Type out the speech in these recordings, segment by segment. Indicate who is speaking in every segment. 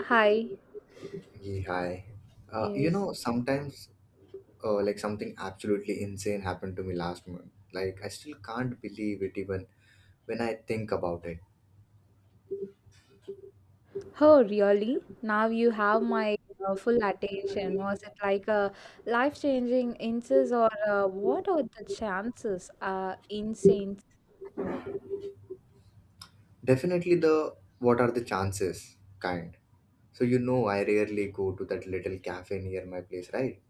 Speaker 1: Hi.
Speaker 2: Hey, hi. You
Speaker 1: Yes.
Speaker 2: know, sometimes like something absolutely insane happened to me last month. Like I still can't believe it even when I think about it.
Speaker 1: Oh, really? Now you have my full attention. Was it like a life-changing instance or what are the chances? Incense.
Speaker 2: Definitely the what are the chances kind. So you know I rarely go to that little cafe near my place, right?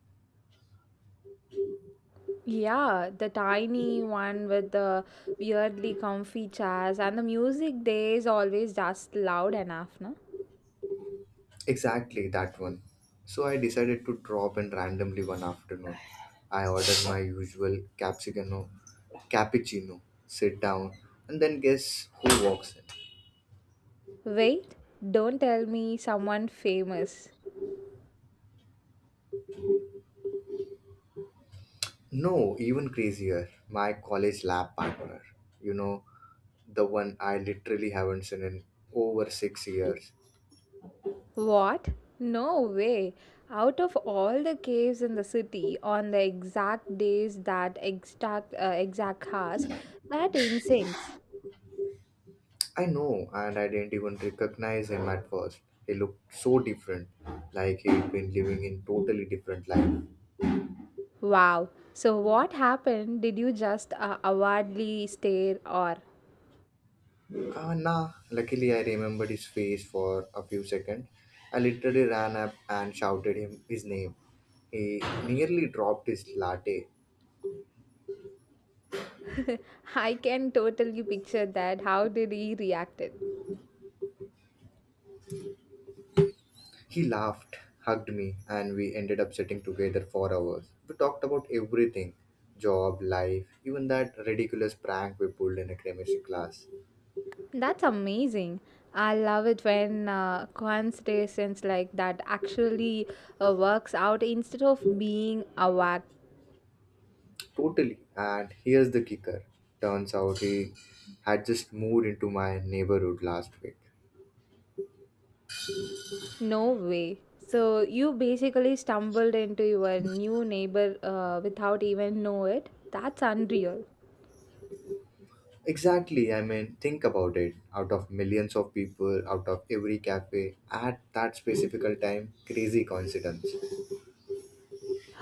Speaker 1: Yeah, the tiny one with the weirdly comfy chairs and the music there is always just loud enough, no?
Speaker 2: Exactly that one. So I decided to drop in randomly one afternoon. I ordered my usual capsicano cappuccino, sit down, and then guess who walks in?
Speaker 1: Wait, don't tell me someone famous.
Speaker 2: No, even crazier. My college lab partner. You know, the one I literally haven't seen in over 6 years.
Speaker 1: What? No way. Out of all the caves in the city on the exact days that exact hours, that incense.
Speaker 2: I know, and I didn't even recognize him at first. He looked so different, like he'd been living in totally different life.
Speaker 1: Wow. So what happened? Did you just awardly stare or
Speaker 2: Ah, nah. Luckily, I remembered his face for a few seconds. I literally ran up and shouted him his name. He nearly dropped his latte.
Speaker 1: I can totally picture that. How did he react it?
Speaker 2: He laughed, hugged me, and we ended up sitting together for hours. We talked about everything, job, life, even that ridiculous prank we pulled in a chemistry class.
Speaker 1: That's amazing. I love it when coincidences like that actually works out instead of being awkward.
Speaker 2: Totally. And here's the kicker, turns out he had just moved into my neighborhood last week.
Speaker 1: No way. So you basically stumbled into your new neighbor without even know it. That's unreal.
Speaker 2: Exactly, I mean, think about it. Out of millions of people, out of every cafe, at that specific time, crazy coincidence.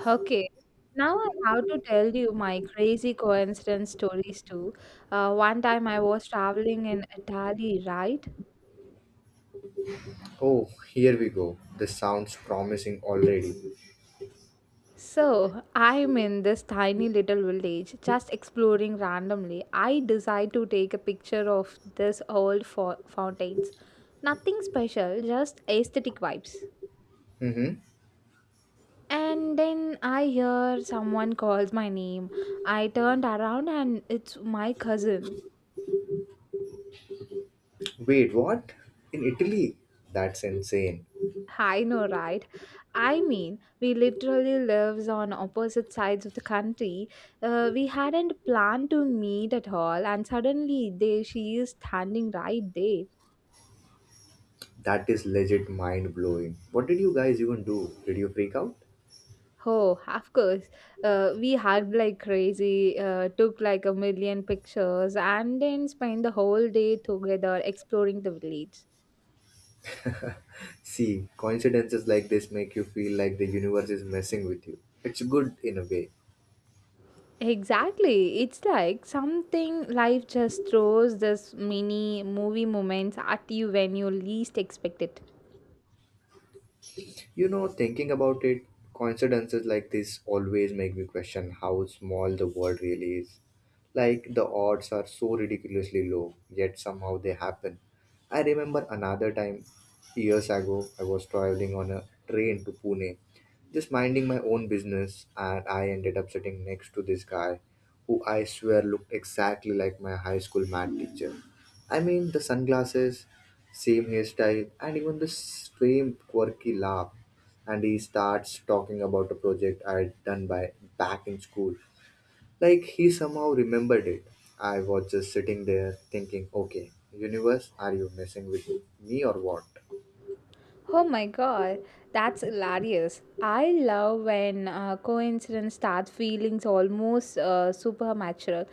Speaker 1: Okay. Now I have to tell you my crazy coincidence stories too. One time I was traveling in Italy, right?
Speaker 2: Oh, here we go. This sounds promising already.
Speaker 1: So I'm in this tiny little village, just exploring randomly. I decide to take a picture of this old fountains. Nothing special, just aesthetic vibes.
Speaker 2: Mm-hmm.
Speaker 1: And then I hear someone calls my name. I turned around and it's my cousin.
Speaker 2: Wait, what? In Italy? That's insane.
Speaker 1: I know, right? I mean, we literally lives on opposite sides of the country. We hadn't planned to meet at all, and suddenly there she is standing right there.
Speaker 2: That is legit mind blowing. What did you guys even do? Did you freak out?
Speaker 1: Oh, of course. We hugged like crazy, took like a million pictures, and then spent the whole day together exploring the village.
Speaker 2: See, coincidences like this make you feel like the universe is messing with you. It's good in a way.
Speaker 1: Exactly. It's like something life just throws this mini movie moments at you when you least expect it.
Speaker 2: You know, thinking about it, coincidences like this always make me question how small the world really is. Like, the odds are so ridiculously low, yet somehow they happen. I remember another time, years ago, I was traveling on a train to Pune, just minding my own business, and I ended up sitting next to this guy who I swear looked exactly like my high school math teacher. I mean, the sunglasses, same hairstyle, and even the same quirky laugh, and he starts talking about a project I had done by back in school. Like he somehow remembered it. I was just sitting there thinking, okay, universe, are you messing with me or what?
Speaker 1: Oh my god, that's hilarious. I love when coincidence start feelings almost supernatural.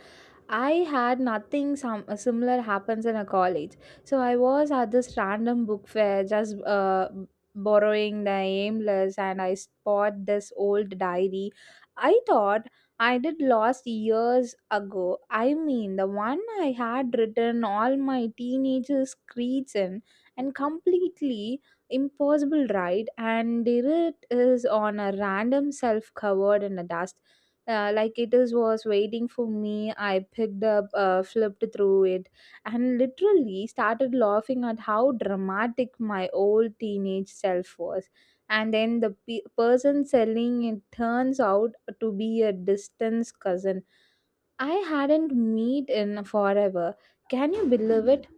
Speaker 1: I had nothing some similar happens in a college. So I was at this random book fair just borrowing the aimless and I spot this old diary. I thought I did lost years ago. I mean the one I had written all my teenagers' creeds in and completely impossible ride and Derrit is on a random self covered in the dust. Like it is was waiting for me. I picked up, flipped through it, and literally started laughing at how dramatic my old teenage self was. And then the person selling it turns out to be a distant cousin I hadn't meet in forever. Can you believe it?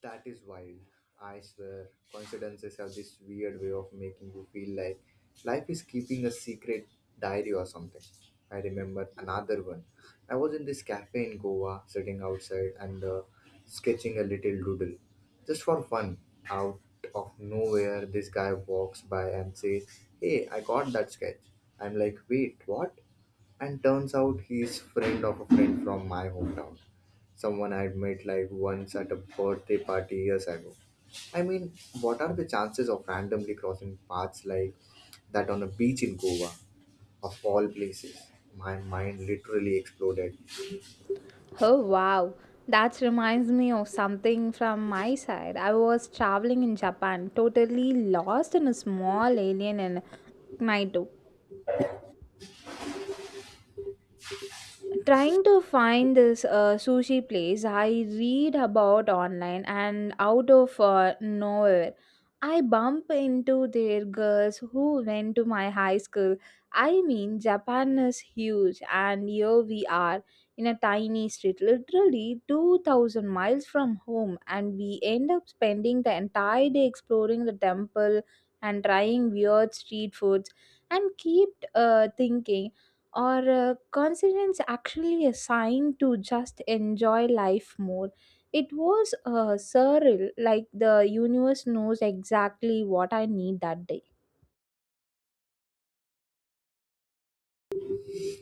Speaker 2: That is wild. I swear, coincidences have this weird way of making you feel like life is keeping a secret diary or something. I remember another one. I was in this cafe in Goa, sitting outside and sketching a little doodle. Just for fun, out of nowhere, this guy walks by and says, hey, I got that sketch. I'm like, wait, what? And turns out he's friend of a friend from my hometown, someone I would met like once at a birthday party years ago. I mean, what are the chances of randomly crossing paths like that on a beach in Goa, of all places? My mind literally exploded.
Speaker 1: Oh wow, that reminds me of something from my side. I was traveling in Japan, totally lost in a small alien in Naito, trying to find this sushi place I read about online, and out of nowhere I bump into their girls who went to my high school. I mean Japan is huge and here we are in a tiny street literally 2000 miles from home, and we end up spending the entire day exploring the temple and trying weird street foods, and keep thinking or consonants actually a sign to just enjoy life more. It was surreal, like the universe knows exactly what I need that day.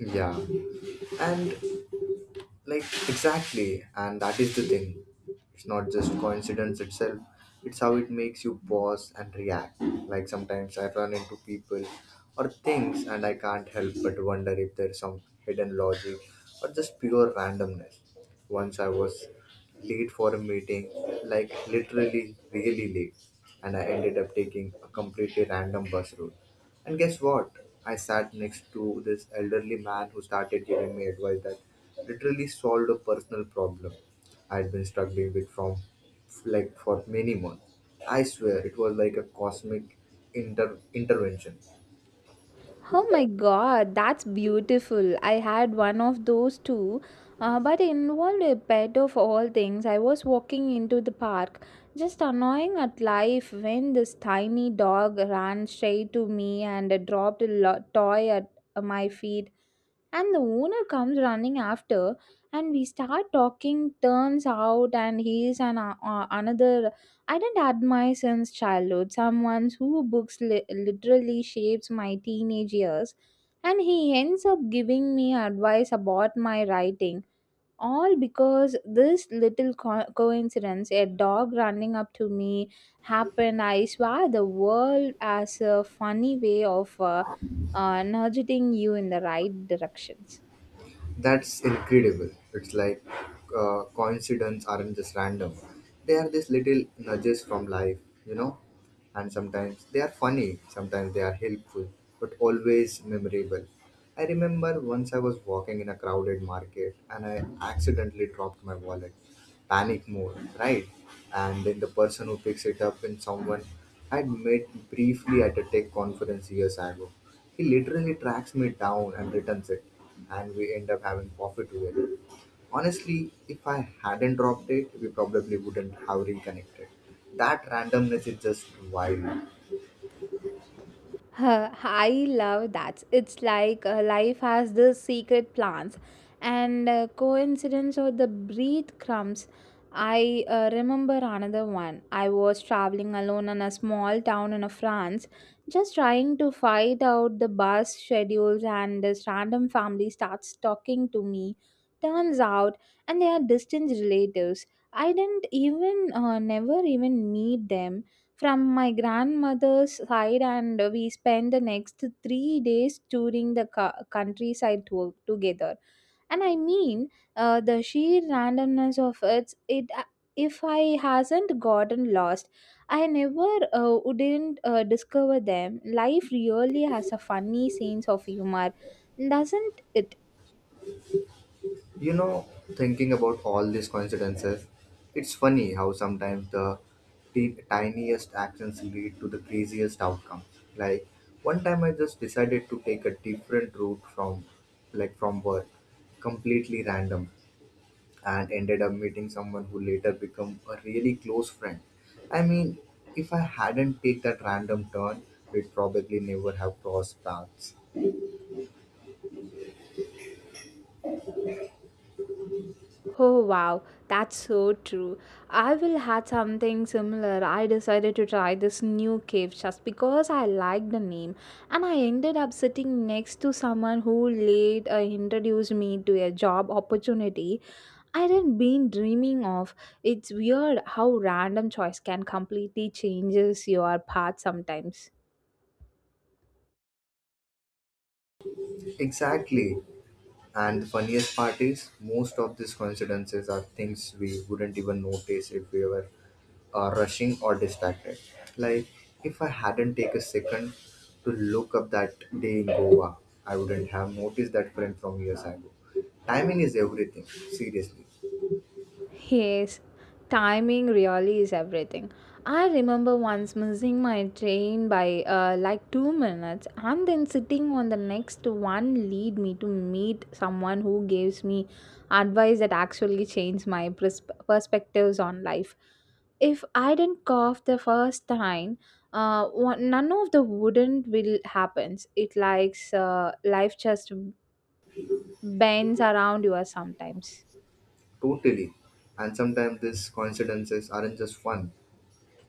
Speaker 2: Yeah, and like, exactly, and that is the thing. It's not just coincidence itself, it's how it makes you pause and react. Like sometimes I run into people or things and I can't help but wonder if there's some hidden logic or just pure randomness. Once I was late for a meeting, like literally really late, and I ended up taking a completely random bus route, and guess what? I sat next to this elderly man who started giving me advice that literally solved a personal problem I'd been struggling with from like for many months. I swear it was like a cosmic intervention.
Speaker 1: Oh my god, that's beautiful. I had one of those too, but involved a pet of all things. I was walking into the park, just annoying at life, when this tiny dog ran straight to me and dropped a toy at my feet, and the owner comes running after, and we start talking. Turns out and he's an another I did not admire since childhood, someone who books literally shapes my teenage years, and he ends up giving me advice about my writing, all because this little coincidence, a dog running up to me, happened. I swear the world as a funny way of nudging you in the right directions.
Speaker 2: That's incredible. It's like coincidence aren't just random. They are these little nudges from life, you know? And sometimes they are funny, sometimes they are helpful, but always memorable. I remember once I was walking in a crowded market and I accidentally dropped my wallet, panic mode, right? And then the person who picks it up in someone I'd met briefly at a tech conference years ago. He literally tracks me down and returns it, and we end up having coffee together. Honestly, if I hadn't dropped it, we probably wouldn't have reconnected. That randomness is just wild.
Speaker 1: Huh! I love that. It's like life has these secret plans and coincidence or the breadcrumbs. I remember another one. I was traveling alone in a small town in France, just trying to find out the bus schedules, and this random family starts talking to me. Turns out, and they are distant relatives. I didn't even, never even meet them from my grandmother's side, and we spent the next 3 days touring the countryside together, and I mean the sheer randomness of it, if I hasn't gotten lost I never wouldn't discover them. Life really has a funny sense of humor, doesn't it?
Speaker 2: You know, thinking about all these coincidences, it's funny how sometimes the tiniest actions lead to the craziest outcomes. Like one time I just decided to take a different route from like from work, completely random, and ended up meeting someone who later became a really close friend. I mean, if I hadn't take that random turn, we'd probably never have crossed paths.
Speaker 1: Oh wow, that's so true. I will had something similar. I decided to try this new cave just because I liked the name, and I ended up sitting next to someone who later introduced me to a job opportunity I hadn't been dreaming of. It's weird how random choice can completely changes your path sometimes.
Speaker 2: Exactly. And the funniest part is, most of these coincidences are things we wouldn't even notice if we were rushing or distracted. Like, if I hadn't taken a second to look up that day in Goa, I wouldn't have noticed that friend from years ago. Timing is everything, seriously,
Speaker 1: Yes, timing really is everything. I remember once missing my train by like 2 minutes and then sitting on the next one lead me to meet someone who gives me advice that actually changed my perspectives on life. If I didn't cough the first time, one, none of the wouldn't will happens. It likes life just bends around you sometimes.
Speaker 2: totally. And sometimes these coincidences aren't just fun,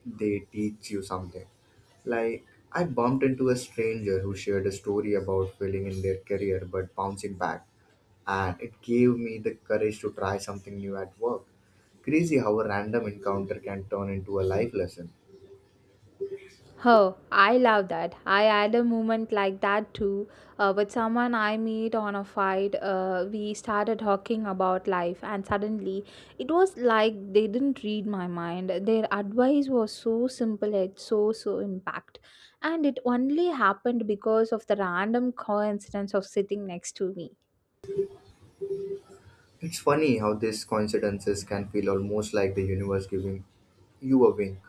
Speaker 2: they teach you something. Like, I bumped into a stranger who shared a story about failing in their career but bouncing back, and it gave me the courage to try something new at work. Crazy how a random encounter can turn into a life lesson.
Speaker 1: Oh, I love that. I had a moment like that too, with someone I meet on a fight. We started talking about life, and suddenly it was like they didn't read my mind. Their advice was so simple, yet so, so impact. And it only happened because of the random coincidence of sitting next to me.
Speaker 2: It's funny how these coincidences can feel almost like the universe giving you a wink.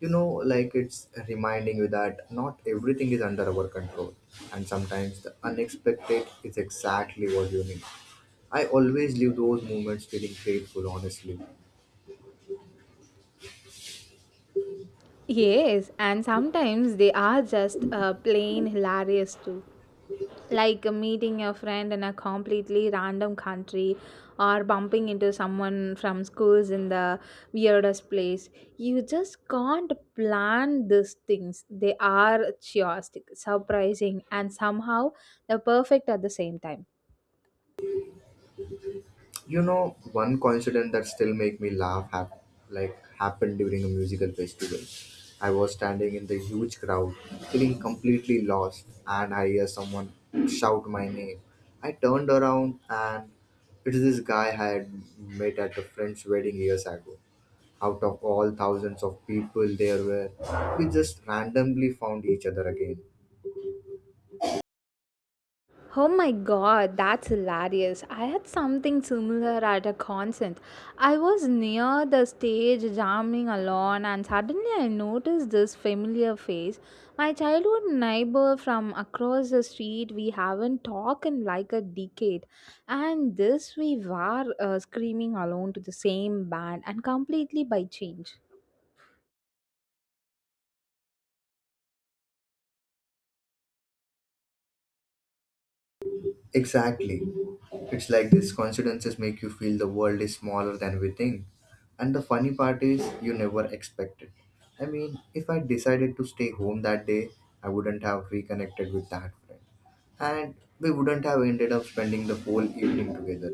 Speaker 2: You know, like it's reminding you that not everything is under our control, and sometimes the unexpected is exactly what you need. I always leave those moments feeling grateful, honestly.
Speaker 1: Yes, and sometimes they are just plain hilarious too. Like meeting a friend in a completely random country or bumping into someone from schools in the weirdest place. You just can't plan these things. They are chaotic, surprising, and somehow the perfect at the same time.
Speaker 2: You know, one coincidence that still make me laugh like happened during a musical festival. I was standing in the huge crowd, feeling completely lost, and I hear someone shout my name. I turned around and it's this guy I had met at a friend's wedding years ago. Out of all thousands of people there were, we just randomly found each other again.
Speaker 1: Oh my god, that's hilarious. I had something similar at a concert. I was near the stage jamming alone and suddenly I noticed this familiar face. My childhood neighbor from across the street, we haven't talked in like a decade. And this we were screaming alone to the same band and completely by change.
Speaker 2: Exactly. It's like these coincidences make you feel the world is smaller than we think. And the funny part is, you never expect it. I mean, if I decided to stay home that day, I wouldn't have reconnected with that friend. And we wouldn't have ended up spending the whole evening together.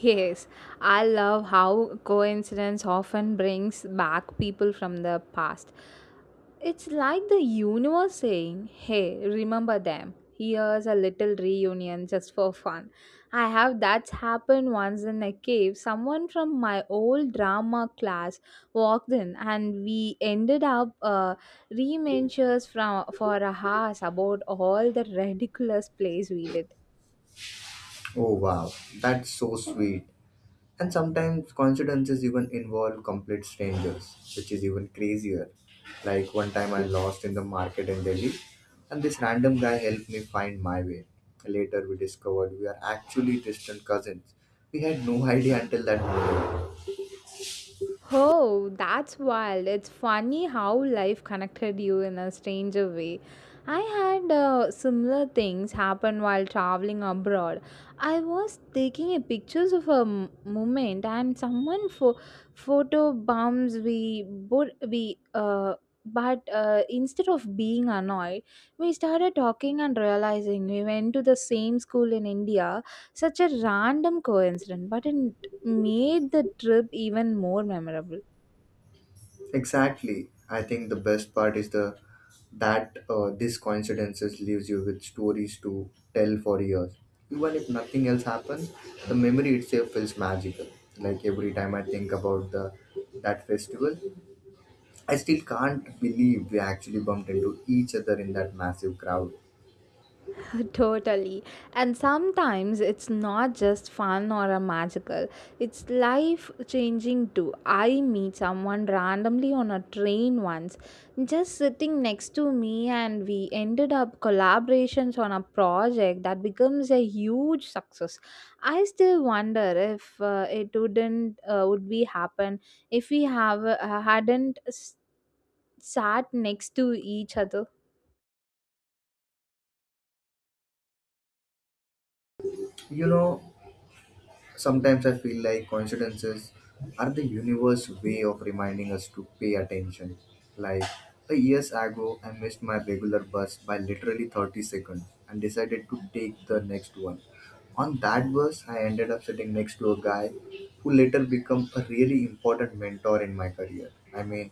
Speaker 1: Yes, I love how coincidence often brings back people from the past. It's like the universe saying, hey, remember them. Here's a little reunion just for fun. I have that's happened once in a cave. Someone from my old drama class walked in, and we ended up remembers from for a house about all the ridiculous plays we did.
Speaker 2: Oh wow, that's so sweet. And sometimes coincidences even involve complete strangers, which is even crazier. Like one time I lost in the market in Delhi, and this random guy helped me find my way. Later we discovered we are actually distant cousins. We had no idea until that moment.
Speaker 1: Oh, that's wild. It's funny how life connected you in a stranger way. I had similar things happen while traveling abroad. I was taking a pictures of a moment and someone for photo bombs we both we but instead of being annoyed, we started talking and realizing we went to the same school in India. Such a random coincidence, but in made the trip even more memorable.
Speaker 2: Exactly. I think the best part is the that this coincidences leaves you with stories to tell for years. Even if nothing else happens, the memory itself feels magical. Like every time I think about the that festival, I still can't believe we actually bumped into each other in that massive crowd.
Speaker 1: Totally. And sometimes it's not just fun or a magical, it's life changing too. I meet someone randomly on a train once, just sitting next to me, and we ended up collaborations on a project that becomes a huge success. I still wonder if it wouldn't would be happen if we have hadn't sat next to each other.
Speaker 2: You know, sometimes I feel like coincidences are the universe way of reminding us to pay attention. Like a years ago, I missed my regular bus by literally 30 seconds and decided to take the next one. On that bus, I ended up sitting next to a guy who later became a really important mentor in my career. I mean,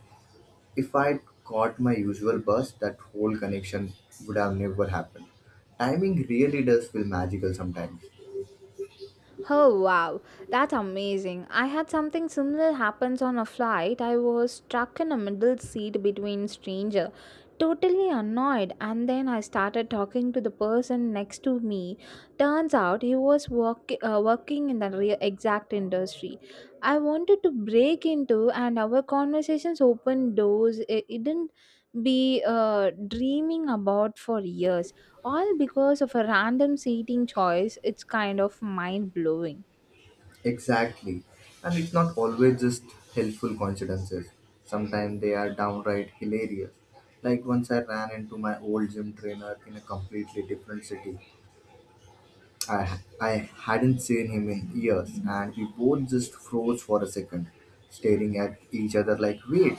Speaker 2: if I caught my usual bus, that whole connection would have never happened. Timing really does feel magical sometimes.
Speaker 1: Oh wow, that's amazing. I had something similar happens on a flight. I was stuck in a middle seat between stranger, totally annoyed, and then I started talking to the person next to me. Turns out he was working in the exact industry. I wanted to break into, and our conversations opened doors it didn't be dreaming about for years, all because of a random seating choice. It's kind of mind blowing.
Speaker 2: Exactly. And it's not always just helpful coincidences. Sometimes they are downright hilarious. Like once I ran into my old gym trainer in a completely different city. I hadn't seen him in years, and we both just froze for a second, staring at each other like, wait,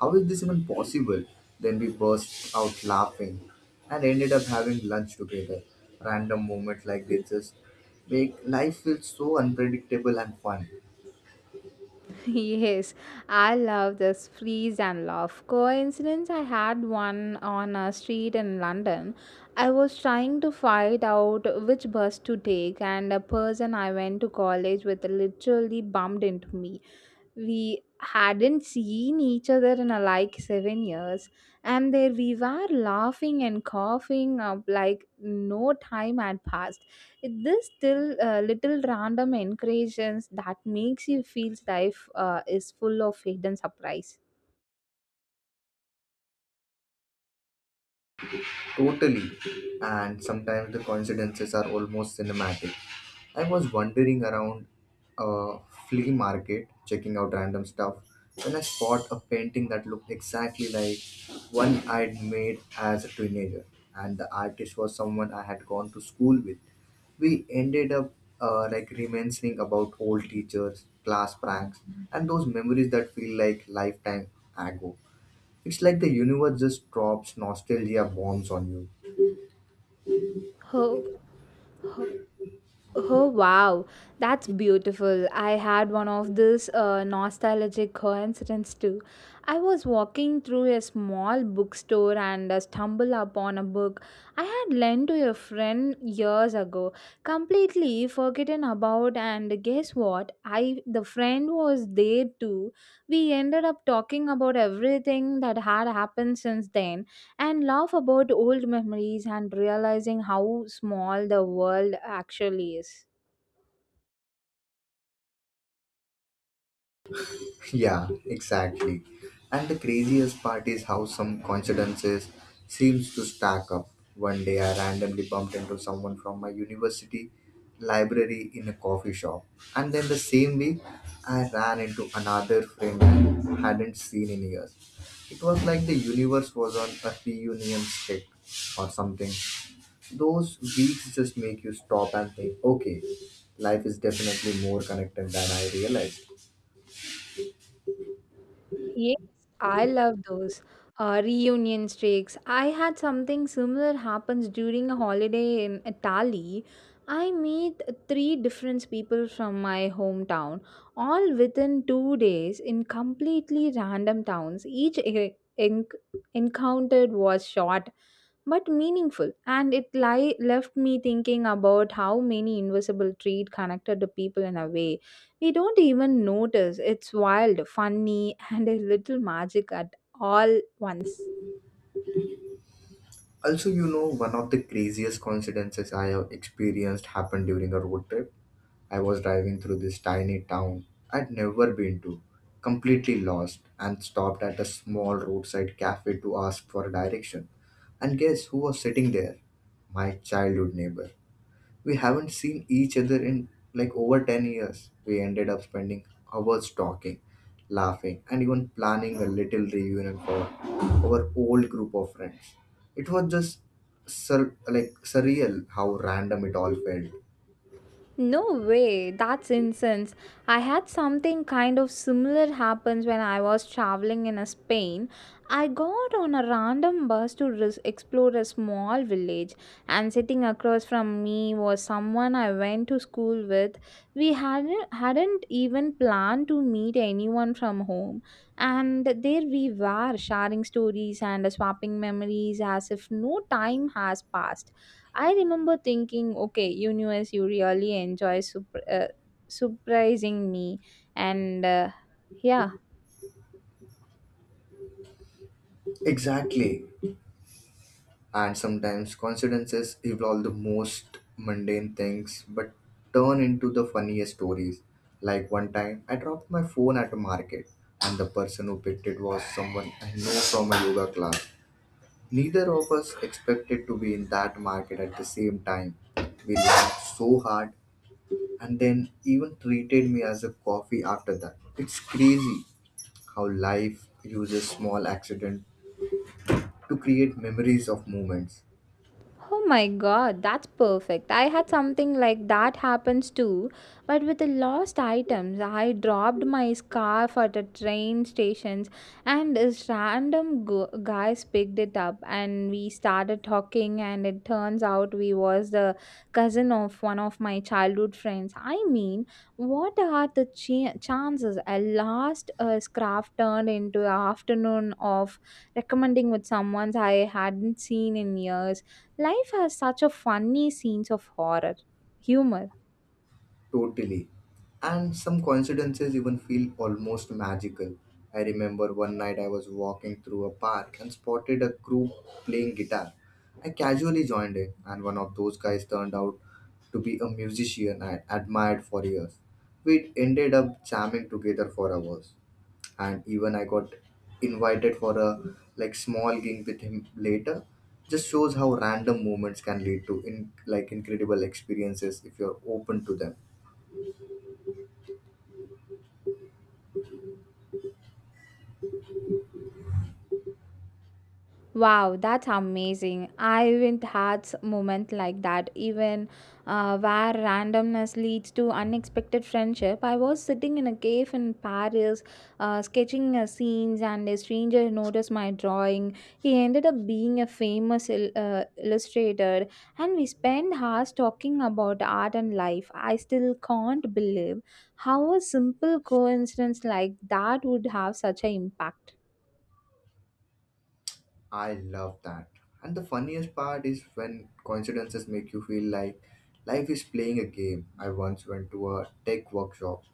Speaker 2: how is this even possible? Then we burst out laughing and ended up having lunch together. Random moments like this just make life feel so unpredictable and fun.
Speaker 1: Yes, I love this freeze and laugh coincidence. I had one on a street in London. I was trying to find out which bus to take, and a person I went to college with literally bumped into me. We hadn't seen each other in a, like 7 years, and there we were laughing and coughing up like no time had passed. It this still little random encouragements that makes you feel life is full of hidden surprise.
Speaker 2: Totally. And sometimes the coincidences are almost cinematic. I was wandering around a flea market, checking out random stuff, when I spot a painting that looked exactly like one I'd made as a teenager. And the artist was someone I had gone to school with. We ended up like reminiscing about old teachers, class pranks, and those memories that feel like lifetime ago. It's like the universe just drops nostalgia bombs on you.
Speaker 1: Oh. Oh wow, that's beautiful. I had one of these nostalgic coincidences too. I was walking through a small bookstore and stumbled upon a book I had lent to a friend years ago, completely forgotten about, and guess what? I the friend was there too. We ended up talking about everything that had happened since then and laugh about old memories and realizing how small the world actually is.
Speaker 2: Yeah, exactly. And the craziest part is how some coincidences seems to stack up. One day I randomly bumped into someone from my university library in a coffee shop. And then the same week I ran into another friend I hadn't seen in years. It was like the universe was on a reunion stick or something. Those weeks just make you stop and think, okay, life is definitely more connected than I realized.
Speaker 1: Yes, I love those reunion streaks. I had something similar happens during a holiday in Italy. I meet three different people from my hometown, all within 2 days in completely random towns. Encountered was short but meaningful, and it left me thinking about how many invisible traits connected to people in a way we don't even notice. It's wild, funny and a little magic at all once.
Speaker 2: Also, you know, one of the craziest coincidences I have experienced happened during a road trip. I was driving through this tiny town I'd never been to, completely lost, and stopped at a small roadside cafe to ask for direction. And guess who was sitting there? My childhood neighbor. We haven't seen each other in like over 10 years. We ended up spending hours talking, laughing, and even planning a little reunion for our old group of friends. It was just like surreal how random it all felt.
Speaker 1: No way, that's incense. I had something kind of similar happens when I was traveling in Spain. I got on a random bus to explore a small village, and sitting across from me was someone I went to school with. We hadn't even planned to meet anyone from home, and there we were sharing stories and swapping memories as if no time has passed. I remember thinking, okay, universe, you really enjoy surprising me. And yeah,
Speaker 2: Exactly. And sometimes coincidences involve the most mundane things but turn into the funniest stories. Like one time, I dropped my phone at a market, and the person who picked it was someone I know from a yoga class. Neither of us expected to be in that market at the same time. We laughed so hard and then even treated me as a coffee after that. It's crazy how life uses small accident to create memories of moments.
Speaker 1: oh my god, that's perfect. I had something like that happens too, but with the lost items. I dropped my scarf at a train stations, and this random gu guys picked it up, and we started talking. And it turns out we was the cousin of one of my childhood friends. I mean, what are the chances a last scarf turned into an afternoon of recommending with someone I hadn't seen in years? Life has such a funny scenes of horror, humor.
Speaker 2: Totally. And some coincidences even feel almost magical. I remember one night I was walking through a park and spotted a group playing guitar. I casually joined in, and one of those guys turned out to be a musician I admired for years. We ended up jamming together for hours, and even I got invited for a like small gig with him later. Just shows how random moments can lead to in like incredible experiences if you're open to them.
Speaker 1: Wow, that's amazing. I haven't had moment like that, even where randomness leads to unexpected friendship. I was sitting in a cave in Paris, sketching scenes, and a stranger noticed my drawing. He ended up being a famous illustrator, and we spent hours talking about art and life. I still can't believe how a simple coincidence like that would have such an impact.
Speaker 2: I love that. And the funniest part is when coincidences make you feel like life is playing a game. I once went to a tech workshop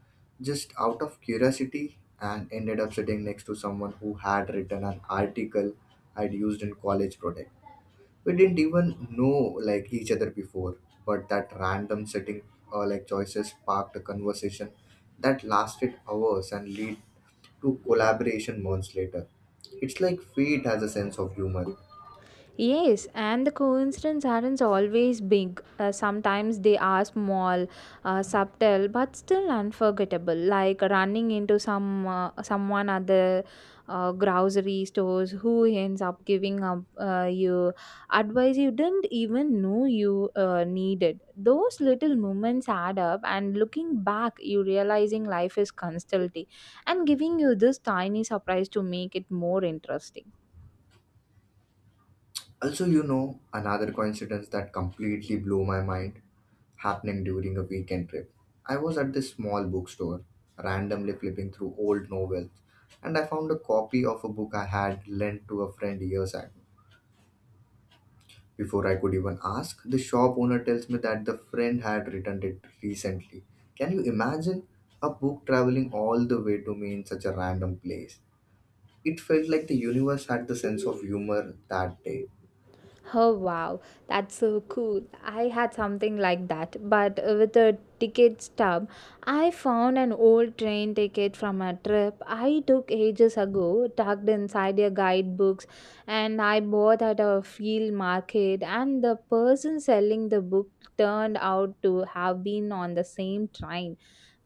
Speaker 2: just out of curiosity and ended up sitting next to someone who had written an article I'd used in college project. We didn't even know like each other before, but that random sitting like choices sparked a conversation that lasted hours and lead to collaboration months later. It's like fate has a sense of humor.
Speaker 1: Yes, and the coincidence aren't always big. Sometimes they are small, subtle, but still unforgettable. Like running into someone at the grocery stores who ends up giving up you advice you didn't even know you needed. Those little moments add up, and looking back, you realizing life is constantly and giving you this tiny surprise to make it more interesting.
Speaker 2: Also, you know, another coincidence that completely blew my mind happening during a weekend trip. I was at this small bookstore, randomly flipping through old novels, and I found a copy of a book I had lent to a friend years ago. Before I could even ask, the shop owner tells me that the friend had returned it recently. Can you imagine a book traveling all the way to me in such a random place? It felt like the universe had the sense of humor that day
Speaker 1: Oh wow, that's so cool. I had something like that, but with a ticket stub. I found an old train ticket from a trip I took ages ago, tucked inside your guidebooks, and I bought at a field market, and the person selling the book turned out to have been on the same train.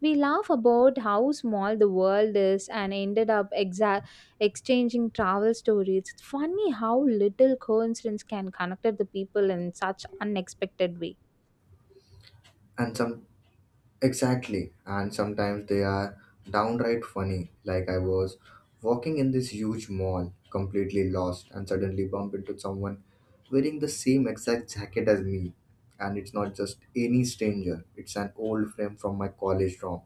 Speaker 1: We laugh about how small the world is and ended up exchanging travel stories. It's funny how little coincidence can connect the people in such unexpected way.
Speaker 2: and some Exactly. And sometimes they are downright funny. Like I was walking in this huge mall, completely lost, and suddenly bump into someone wearing the same exact jacket as me. And it's not just any stranger, it's an old friend from my college dorm.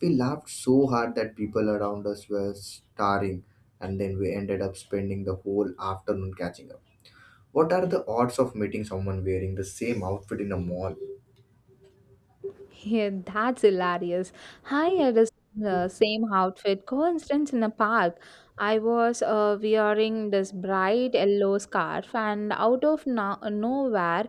Speaker 2: We laughed so hard that people around us were staring, and then we ended up spending the whole afternoon catching up. What are the odds of meeting someone wearing the same outfit in a mall?
Speaker 1: Yeah, that's hilarious. I had the same outfit. Coincidence in a park. I was wearing this bright yellow scarf, and out of nowhere,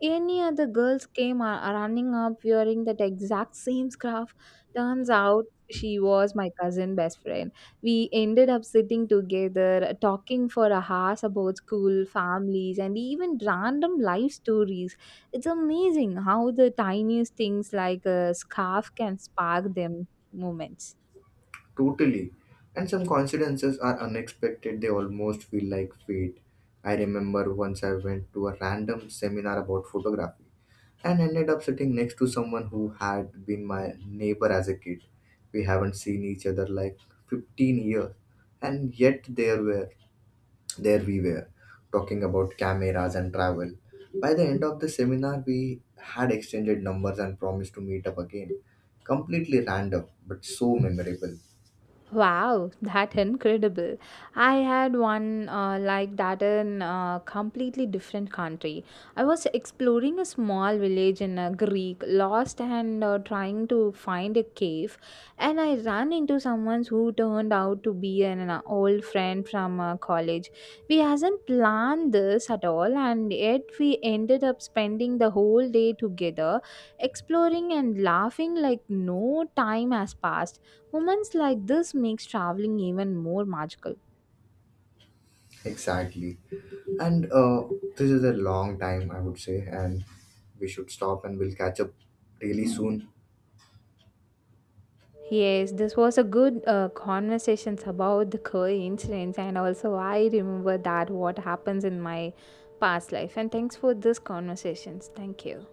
Speaker 1: any other girls came running up wearing that exact same scarf. Turns out she was my cousin best friend. We ended up sitting together, talking for a hours about school, families, and even random life stories. It's amazing how the tiniest things like a scarf can spark them moments.
Speaker 2: Totally. And some coincidences are unexpected, they almost feel like fate. I remember once I went to a random seminar about photography and ended up sitting next to someone who had been my neighbor as a kid. We haven't seen each other like 15 years, and yet there we were talking about cameras and travel. By the end of the seminar, we had exchanged numbers and promised to meet up again. Completely random, but so memorable.
Speaker 1: Wow, that incredible. I had one like that in a completely different country. I was exploring a small village in Greek, lost and trying to find a cave, and I ran into someone who turned out to be an old friend from college. We hasn't planned this at all, and yet we ended up spending the whole day together, exploring and laughing like no time has passed. Moments like this makes traveling even more magical.
Speaker 2: Exactly. And this is a long time, I would say, and we should stop and we'll catch up really soon.
Speaker 1: Yes, this was a good conversations about the coincidence, and also I remember that what happens in my past life, and thanks for this conversations. Thank you.